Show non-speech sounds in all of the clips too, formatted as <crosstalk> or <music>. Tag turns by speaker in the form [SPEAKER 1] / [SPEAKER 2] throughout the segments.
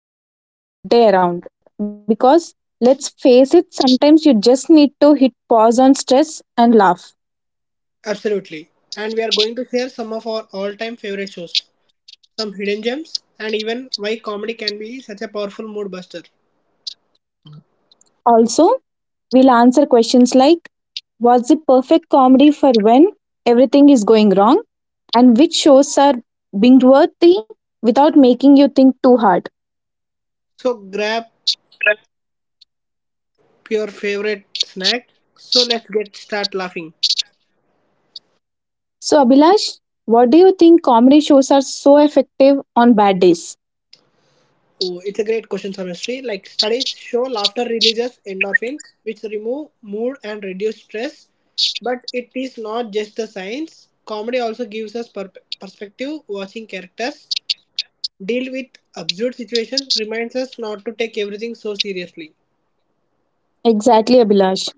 [SPEAKER 1] ones that can turn a rough day around. Because let's face it, sometimes you just need to hit pause on stress and laugh.
[SPEAKER 2] Absolutely. And we are going to share some of our all-time favorite shows, some hidden gems, and even why comedy can be such a powerful mood buster.
[SPEAKER 1] Also, we'll answer questions like, what's the perfect comedy for when everything is going wrong? And which shows are binge-worthy without making you think too hard.
[SPEAKER 2] So grab your favorite snack. So let's get start laughing.
[SPEAKER 1] So, Abhilash, what do you think comedy shows are so effective on bad days?
[SPEAKER 2] Oh, it's a great question, honestly. Like studies show laughter releases endorphins, which remove mood and reduce stress. But it is not just the science. Comedy also gives us perspective. Watching characters deal with absurd situations reminds us not to take everything so seriously.
[SPEAKER 1] Exactly, Abhilash.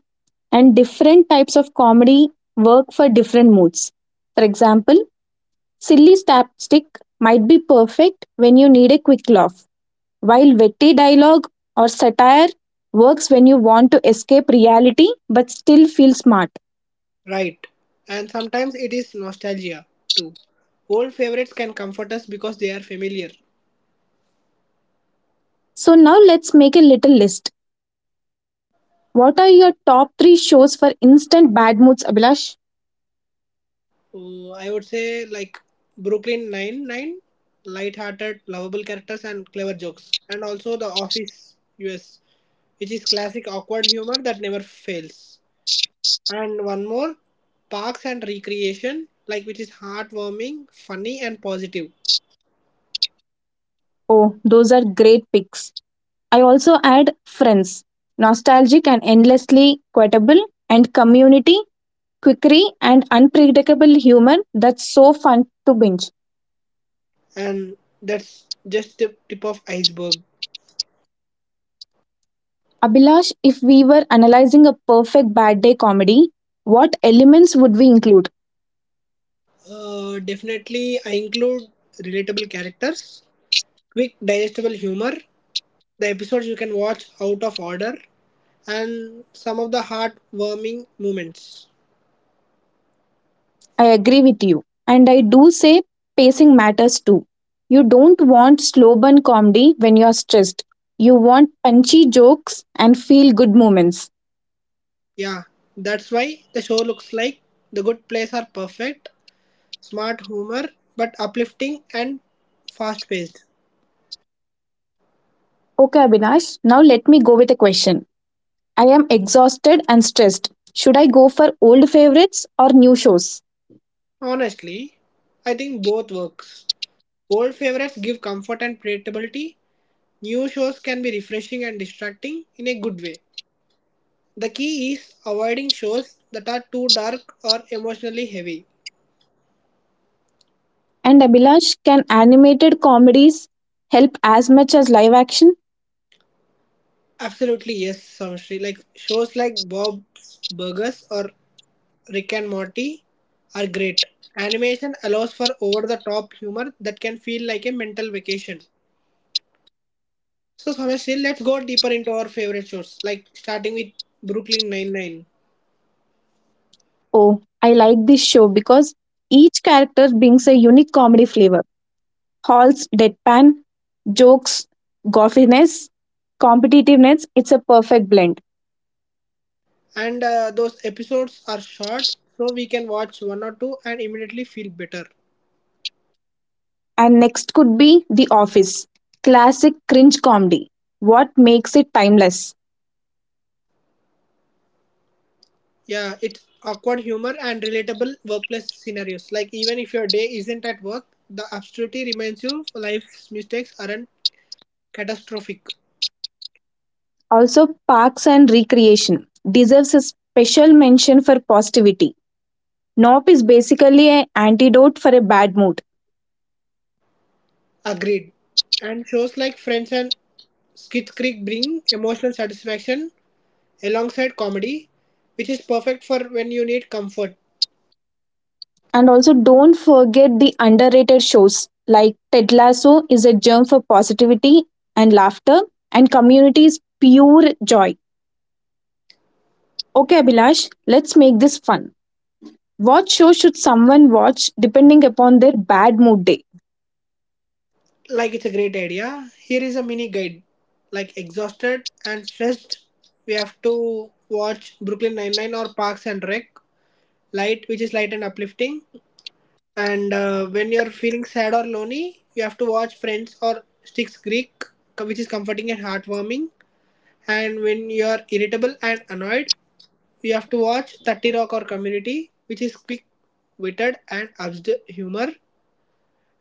[SPEAKER 1] And different types of comedy work for different moods. For example, silly slapstick might be perfect when you need a quick laugh, while witty dialogue or satire works when you want to escape reality but still feel smart.
[SPEAKER 2] Right. And sometimes it is nostalgia too. Old favorites can comfort us because they are familiar.
[SPEAKER 1] So now let's make a little list. What are your top 3 shows for instant bad moods, Abhilash?
[SPEAKER 2] I would say like Brooklyn Nine Nine, light-hearted, lovable characters and clever jokes, and also The Office U.S., which is classic awkward humor that never fails. And one more, Parks and Recreation, like which is heartwarming, funny, and positive.
[SPEAKER 1] Oh, those are great picks. I also add Friends, nostalgic and endlessly quotable, and Community, quirky and unpredictable humor that's so fun to binge.
[SPEAKER 2] And that's just the tip of iceberg.
[SPEAKER 1] Abhilash, if we were analyzing a perfect bad day comedy, what elements would we include?
[SPEAKER 2] Definitely, I include relatable characters, quick digestible humor, the episodes you can watch out of order, and some of the heartwarming moments.
[SPEAKER 1] I agree with you. And I do say pacing matters too. You don't want slow burn comedy when you're stressed. You want punchy jokes and feel good moments.
[SPEAKER 2] Yeah, that's why the show looks like the good plays are perfect, smart humor, but uplifting and fast paced.
[SPEAKER 1] Okay, Abhinash, now let me go with a question. I am exhausted and stressed. Should I go for old favorites or new shows?
[SPEAKER 2] Honestly, I think both works. Old favorites give comfort and predictability. New shows can be refreshing and distracting in a good way. The key is avoiding shows that are too dark or emotionally heavy.
[SPEAKER 1] And Abhilash, can animated comedies help as much as live action?
[SPEAKER 2] Absolutely, yes, Samshri. Like shows like Bob's Burgers or Rick and Morty are great. Animation allows for over the top humor that can feel like a mental vacation. So, Samshri, let's go deeper into our favorite shows, like starting with Brooklyn Nine-Nine.
[SPEAKER 1] Oh, I like this show because each character brings a unique comedy flavor. Hall's deadpan, jokes, goffiness, competitiveness, it's a perfect blend.
[SPEAKER 2] And those episodes are short, so we can watch one or two and immediately feel better.
[SPEAKER 1] And next could be The Office, classic cringe comedy. What makes it timeless?
[SPEAKER 2] Yeah, it's awkward humor and relatable workplace scenarios. Like even if your day isn't at work, the absurdity reminds you life's mistakes aren't catastrophic.
[SPEAKER 1] Also, Parks and Recreation deserves a special mention for positivity. Nope is basically an antidote for a bad mood.
[SPEAKER 2] Agreed. And shows like Friends and Schitt's Creek bring emotional satisfaction alongside comedy, which is perfect for when you need comfort.
[SPEAKER 1] And also, don't forget the underrated shows like Ted Lasso is a germ for positivity and laughter, and Community is pure joy. Okay, Abhilash, let's make this fun. What show should someone watch depending upon their bad mood day?
[SPEAKER 2] Like it's a great idea. Here is a mini guide. Like exhausted and stressed, we have to watch Brooklyn Nine Nine or Parks and Rec. Light, which is light and uplifting. And when you're feeling sad or lonely, you have to watch Friends or Styx Greek, which is comforting and heartwarming. And when you're irritable and annoyed, you have to watch 30 Rock or Community, which is quick witted and absurd humor.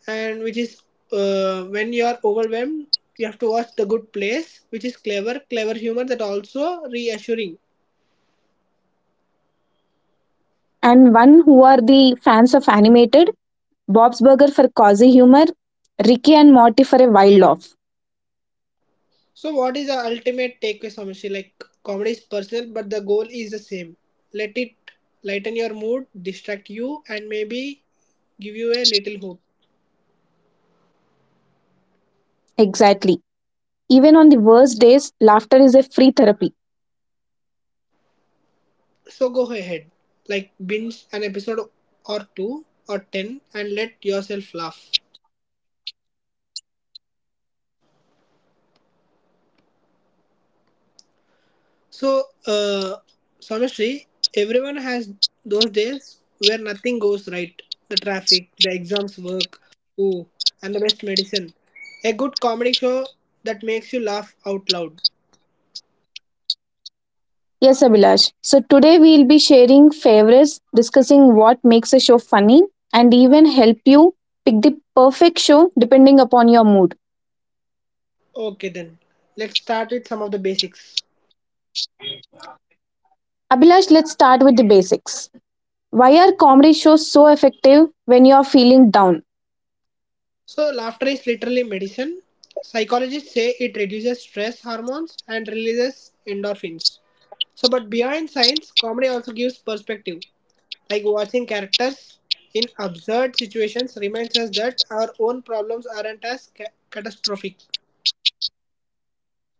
[SPEAKER 2] And which is When you're overwhelmed, you have to watch The Good Place, which is clever, clever humor that also reassuring.
[SPEAKER 1] And one who are the fans of animated, Bob's Burger for cozy humor, Ricky and Morty for a wild laugh.
[SPEAKER 2] So, what is the ultimate takeaway, Samshi? Like, comedy is personal, but the goal is the same. Let it lighten your mood, distract you, and maybe give you a little hope.
[SPEAKER 1] Exactly. Even on the worst days, laughter is a free therapy.
[SPEAKER 2] So, go ahead, like, binge an episode or two or ten and let yourself laugh. So, Samshi, everyone has those days where nothing goes right, the traffic, the exams work, ooh, and the best medicine. A good comedy show that makes you laugh out loud.
[SPEAKER 1] Yes, Abhilash. So today we'll be sharing favorites, discussing what makes a show funny, and even help you pick the perfect show depending upon your mood.
[SPEAKER 2] Okay, then let's start with some of the basics.
[SPEAKER 1] Abhilash, let's start with the basics. Why are comedy shows so effective when you are feeling down?
[SPEAKER 2] So, laughter is literally medicine. Psychologists say it reduces stress hormones and releases endorphins. So, but beyond science, comedy also gives perspective. Like watching characters in absurd situations reminds us that our own problems aren't as catastrophic.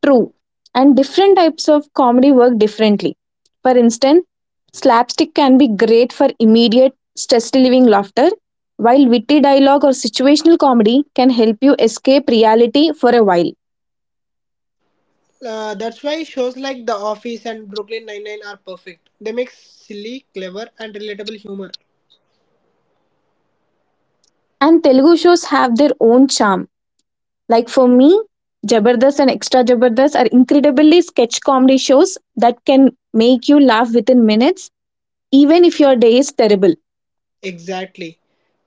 [SPEAKER 1] True. And different types of comedy work differently. For instance, slapstick can be great for immediate stress relieving laughter, while witty dialogue or situational comedy can help you escape reality for a while.
[SPEAKER 2] That's why shows like The Office and Brooklyn Nine-Nine are perfect. They make silly, clever, and relatable humor.
[SPEAKER 1] And Telugu shows have their own charm. Like for me, Jabardast and Extra Jabardast are incredibly sketch comedy shows that can make you laugh within minutes, even if your day is terrible.
[SPEAKER 2] Exactly.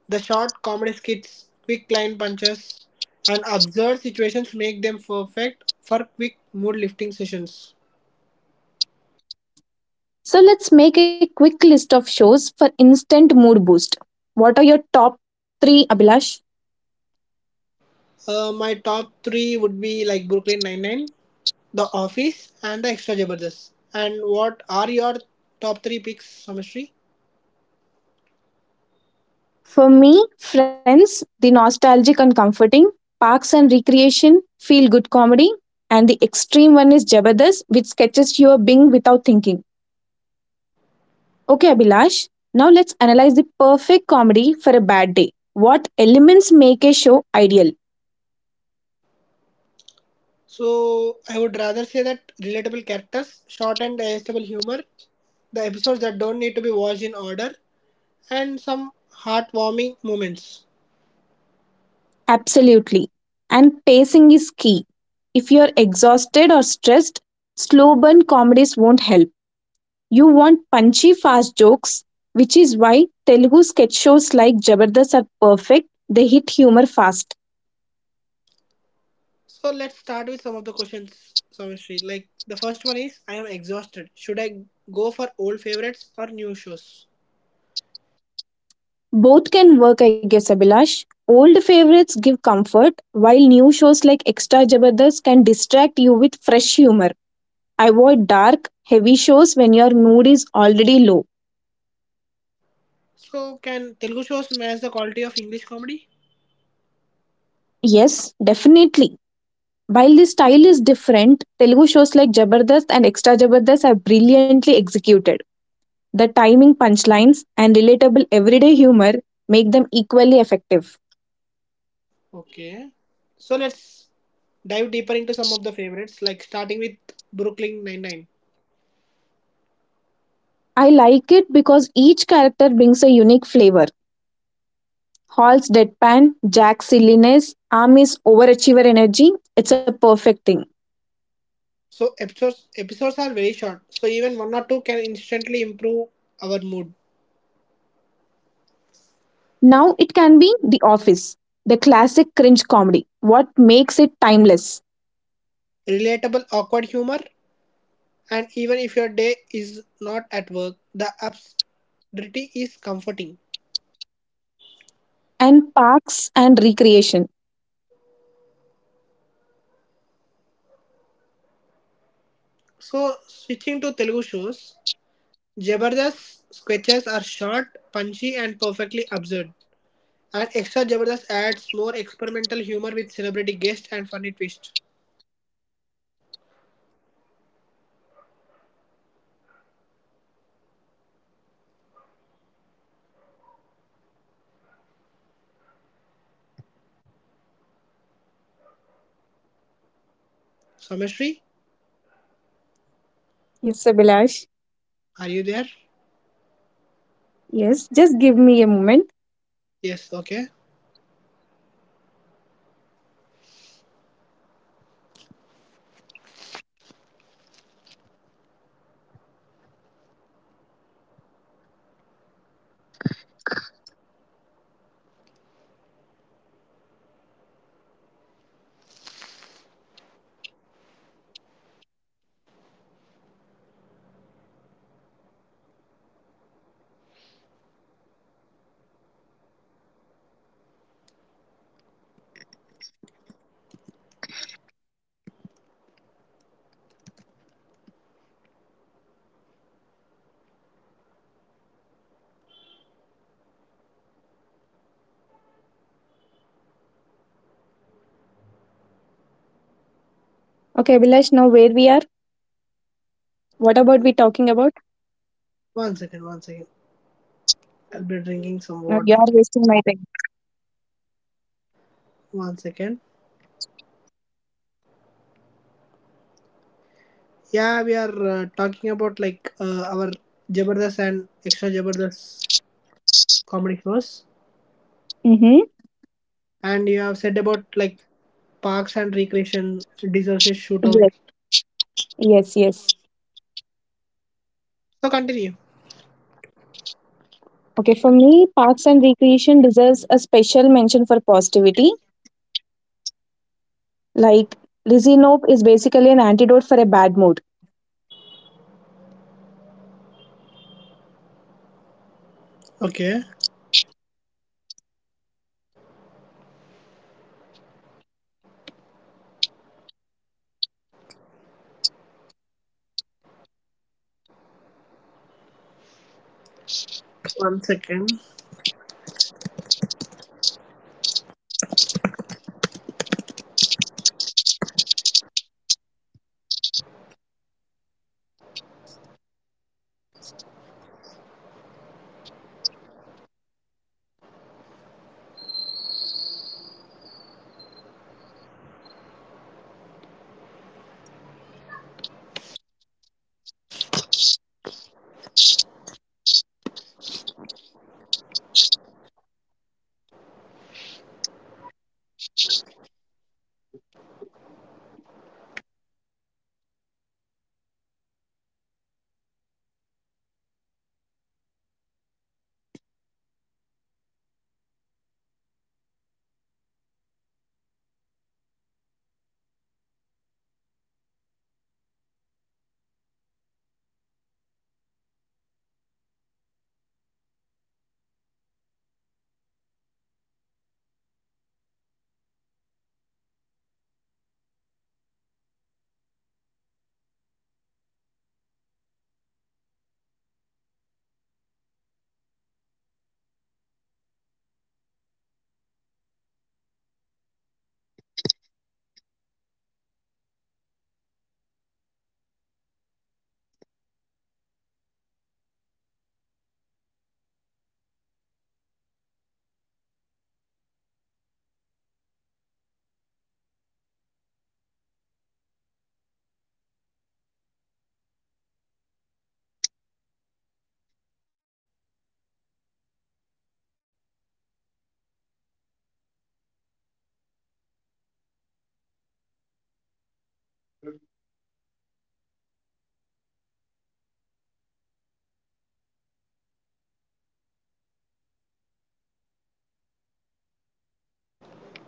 [SPEAKER 2] The short comedy skits, quick line punches, and absurd situations make them perfect for quick mood lifting sessions.
[SPEAKER 1] So let's make a quick list of shows for instant mood boost. What are your top three, Abhilash?
[SPEAKER 2] My top three would be like Brooklyn Nine-Nine, The Office, and The Extra Jabardast. And what are your top three picks, Samashri?
[SPEAKER 1] For me, Friends, the nostalgic and comforting, Parks and Recreation, feel good comedy, and the extreme one is Jabardast, which sketches you a bing without thinking. Okay, Abhilash, now let's analyze the perfect comedy for a bad day. What elements make a show ideal?
[SPEAKER 2] So I would rather say that relatable characters, short and digestible humor, the episodes that don't need to be watched in order, and some heartwarming moments.
[SPEAKER 1] Absolutely. And pacing is key. If you're exhausted or stressed, slow burn comedies won't help. You want punchy, fast jokes, which is why Telugu sketch shows like Jabardast are perfect. They hit humor fast.
[SPEAKER 2] So let's start with some of the questions, Samishri. Like the first one is, I am exhausted. Should I go for old favorites or new shows?
[SPEAKER 1] Both can work, I guess, Abhilash. Old favorites give comfort, while new shows like Extra Jabardast can distract you with fresh humor. Avoid dark, heavy shows when your mood is already low.
[SPEAKER 2] So can Telugu shows match the quality of English comedy?
[SPEAKER 1] Yes, definitely. While the style is different, Telugu shows like Jabardast and Extra Jabardast are brilliantly executed. The timing, punchlines, and relatable everyday humor make them equally effective.
[SPEAKER 2] Okay. So let's dive deeper into some of the favorites, like starting with Brooklyn Nine Nine.
[SPEAKER 1] I like it because each character brings a unique flavor. Hall's deadpan, Jack's silliness, Ami's overachiever energy, it's a perfect thing.
[SPEAKER 2] So episodes are very short, so even one or two can instantly improve our mood.
[SPEAKER 1] Now it can be The Office, the classic cringe comedy. What makes it timeless?
[SPEAKER 2] Relatable, awkward humor, and even if your day is not at work, the absurdity is comforting.
[SPEAKER 1] And Parks and Recreation.
[SPEAKER 2] So, switching to Telugu shows, Jabardast sketches are short, punchy, and perfectly absurd. And Extra Jabardast adds more experimental humor with celebrity guests and funny twist. Samashri,
[SPEAKER 1] Yes, Abhilash.
[SPEAKER 2] are you there?
[SPEAKER 1] Yes, just give me a moment.
[SPEAKER 2] Yes, okay.
[SPEAKER 1] Okay, Abhilash, now where we are? What about we talking about?
[SPEAKER 2] One second, one second. I'll be drinking some
[SPEAKER 1] Now you
[SPEAKER 2] water.
[SPEAKER 1] are wasting my time.
[SPEAKER 2] One second. Yeah, we are talking about our Jabardast and Extra Jabardast comedy shows.
[SPEAKER 1] Mm-hmm.
[SPEAKER 2] And you have said about like parks and recreation, disasters shootout.
[SPEAKER 1] Yes, yes, yes.
[SPEAKER 2] So continue.
[SPEAKER 1] Okay, for me, Parks and Recreation deserves a special mention for positivity. Like, Lizzie Nope is basically an antidote for a bad mood.
[SPEAKER 2] Okay, one second.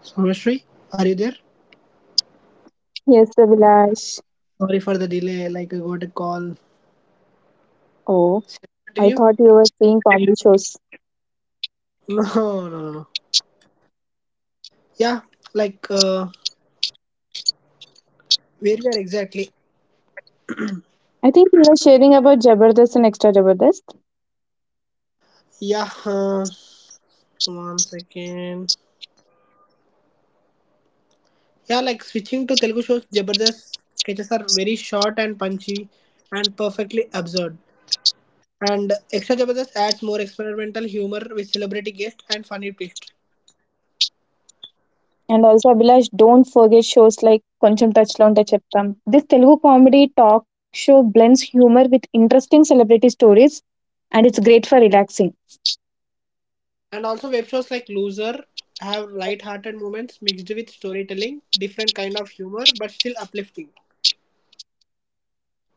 [SPEAKER 2] Someshri, are you there?
[SPEAKER 1] Yes, Abhilash.
[SPEAKER 2] Sorry for the delay. Like I got a call.
[SPEAKER 1] Oh,
[SPEAKER 2] Shall I
[SPEAKER 1] I
[SPEAKER 2] continue?
[SPEAKER 1] thought you were seeing comedy shows.
[SPEAKER 2] No, no, no, no. Yeah, like uh, where we are exactly.
[SPEAKER 1] I think we were sharing about Jabardast and Extra Jabardast.
[SPEAKER 2] Yeah, one second. Yeah, like switching to Telugu shows, Jabardast sketches are very short and punchy, and perfectly absurd. And Extra Jabardast adds more experimental humor with celebrity guests and funny twists.
[SPEAKER 1] And also, Abhilash, don't forget shows like Koncham Touchlo and Cheptam. This Telugu comedy talk show blends humor with interesting celebrity stories and it's great for relaxing.
[SPEAKER 2] And also web shows like Loser have light-hearted moments mixed with storytelling, different kind of humor, but still uplifting.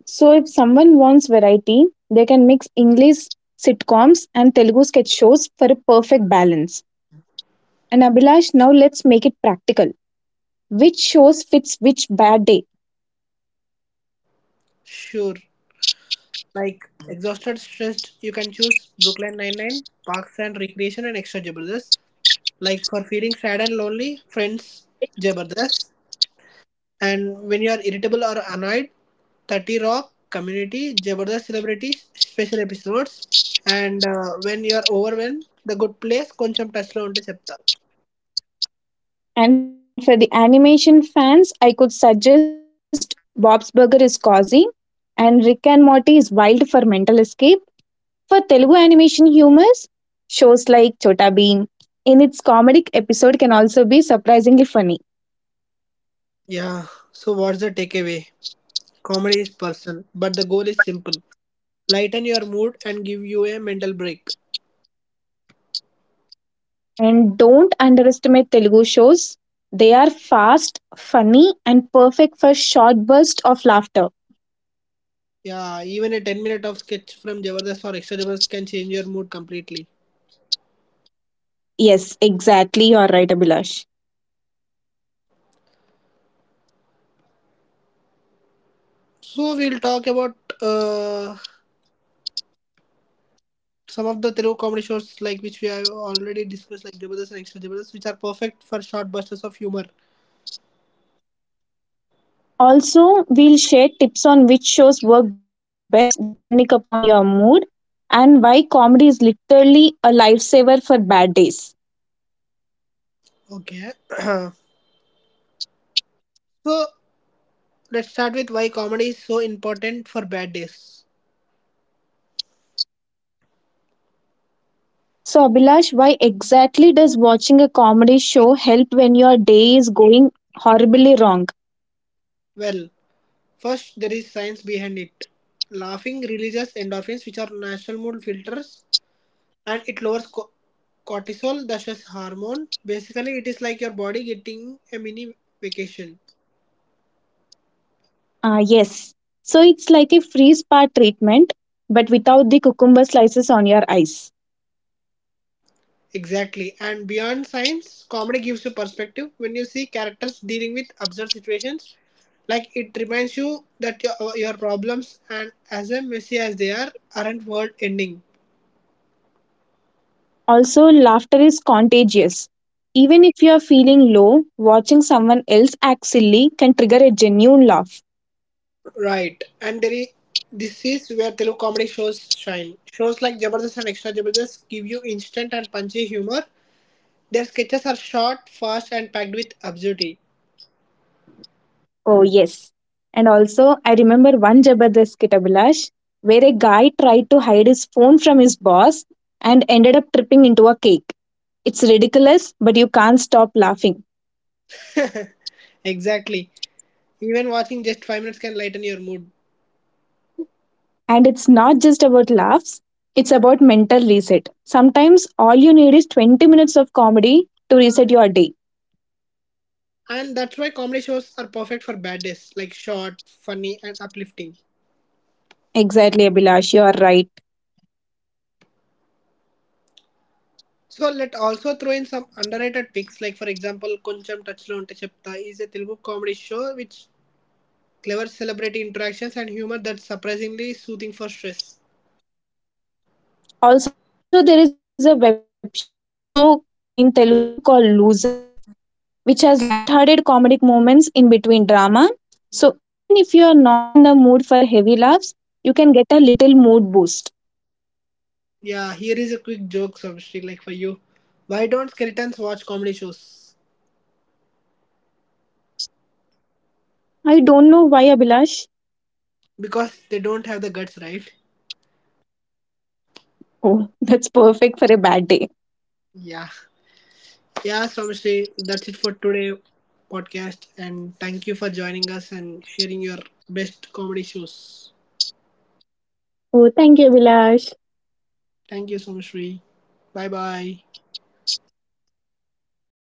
[SPEAKER 1] So, if someone wants variety, they can mix English sitcoms and Telugu sketch shows for a perfect balance. And Abhilash, now let's make it practical. Which shows fits which bad day?
[SPEAKER 2] Sure. Like Exhausted Stressed, you can choose Brooklyn Nine-Nine, Parks and Recreation and Extra Jabardast. Like for feeling sad and lonely, Friends, Jabardast. And when you are irritable or annoyed, 30 Rock, Community, Jabardast Celebrities, Special Episodes. And when you are overwhelm the good place కొంచెం టచ్లో ఉంటే చెప్తా.
[SPEAKER 1] And for the animation fans, I could suggest Bob's Burger is cozy and Rick and Morty is wild for mental escape. For Telugu animation humors, shows like Chota Bheem, in its comedic episode can also be surprisingly funny.
[SPEAKER 2] Yeah, so what's the takeaway? Comedy is personal, but the goal is simple, lighten your mood and give you a mental break.
[SPEAKER 1] And don't underestimate Telugu shows. They are fast, funny, and perfect for short bursts of laughter.
[SPEAKER 2] Yeah, even a 10 minute of sketch from Jabardast or Extra Jabardast can change your mood completely.
[SPEAKER 1] Yes, exactly. You're right, Abhilash.
[SPEAKER 2] So we'll talk about uh, some of the Telugu comedy shows like which we have already discussed like Jabardast and Extra Jabardast which are perfect for short bursts of humor.
[SPEAKER 1] Also, we'll share tips on which shows work best depending upon your mood and why comedy is literally a lifesaver for bad days.
[SPEAKER 2] Okay. <clears throat> So let's start with why comedy is so important for bad days.
[SPEAKER 1] So, Abhilash, why exactly does watching a comedy show help when your day is going horribly wrong?
[SPEAKER 2] Well, first, there is science behind it. Laughing releases endorphins, which are natural mood filters, and it lowers cortisol, the stress hormone. Basically, it is like your body getting a mini vacation.
[SPEAKER 1] Ah, yes. So, it's like a free spa treatment, but without the cucumber slices on your eyes.
[SPEAKER 2] Exactly. And beyond science, comedy gives you perspective. When you see characters dealing with absurd situations, like it reminds you that your problems and as messy as they are aren't world ending.
[SPEAKER 1] Also, laughter is contagious. Even if you are feeling low, watching someone else act silly can trigger a genuine laugh.
[SPEAKER 2] Right, this is where Telugu comedy shows shine. Shows like Jabardast and Extra Jabardast give you instant and punchy humor. Their sketches are short, fast, and packed with absurdity.
[SPEAKER 1] Oh, yes. And also, I remember one Jabardast skit, Abhilash, where a guy tried to hide his phone from his boss and ended up tripping into a cake. It's ridiculous, but you can't stop laughing.
[SPEAKER 2] <laughs> Exactly. Even watching just 5 minutes can lighten your mood.
[SPEAKER 1] And it's not just about laughs, it's about mental reset. Sometimes all you need is 20 minutes of comedy to reset your day.
[SPEAKER 2] And that's why comedy shows are perfect for bad days, like short, funny, and uplifting.
[SPEAKER 1] Exactly, Abhilash, you are right.
[SPEAKER 2] So let also throw in some underrated picks, like for example, Koncham Touchlo Unte Chepta is a Telugu comedy show which clever celebrity interactions and humor that's surprisingly soothing for stress.
[SPEAKER 1] Also, there is a web show in Telugu called Loser which has lighthearted comedic moments in between drama. So even if you're not in the mood for heavy laughs, you can get a little mood boost.
[SPEAKER 2] Yeah, here is a quick joke, Samshri, like for you. Why don't skeletons watch comedy shows?
[SPEAKER 1] I don't know why, Abhilash.
[SPEAKER 2] Because they don't have the guts, right?
[SPEAKER 1] Oh, <laughs> that's perfect for a bad day.
[SPEAKER 2] Yeah. Yeah, Samshri, that's it for today podcast and thank you for joining us and sharing your best comedy shows.
[SPEAKER 1] Oh, thank you, Abhilash.
[SPEAKER 2] Thank you, Samshri. Bye bye.
[SPEAKER 1] Bye.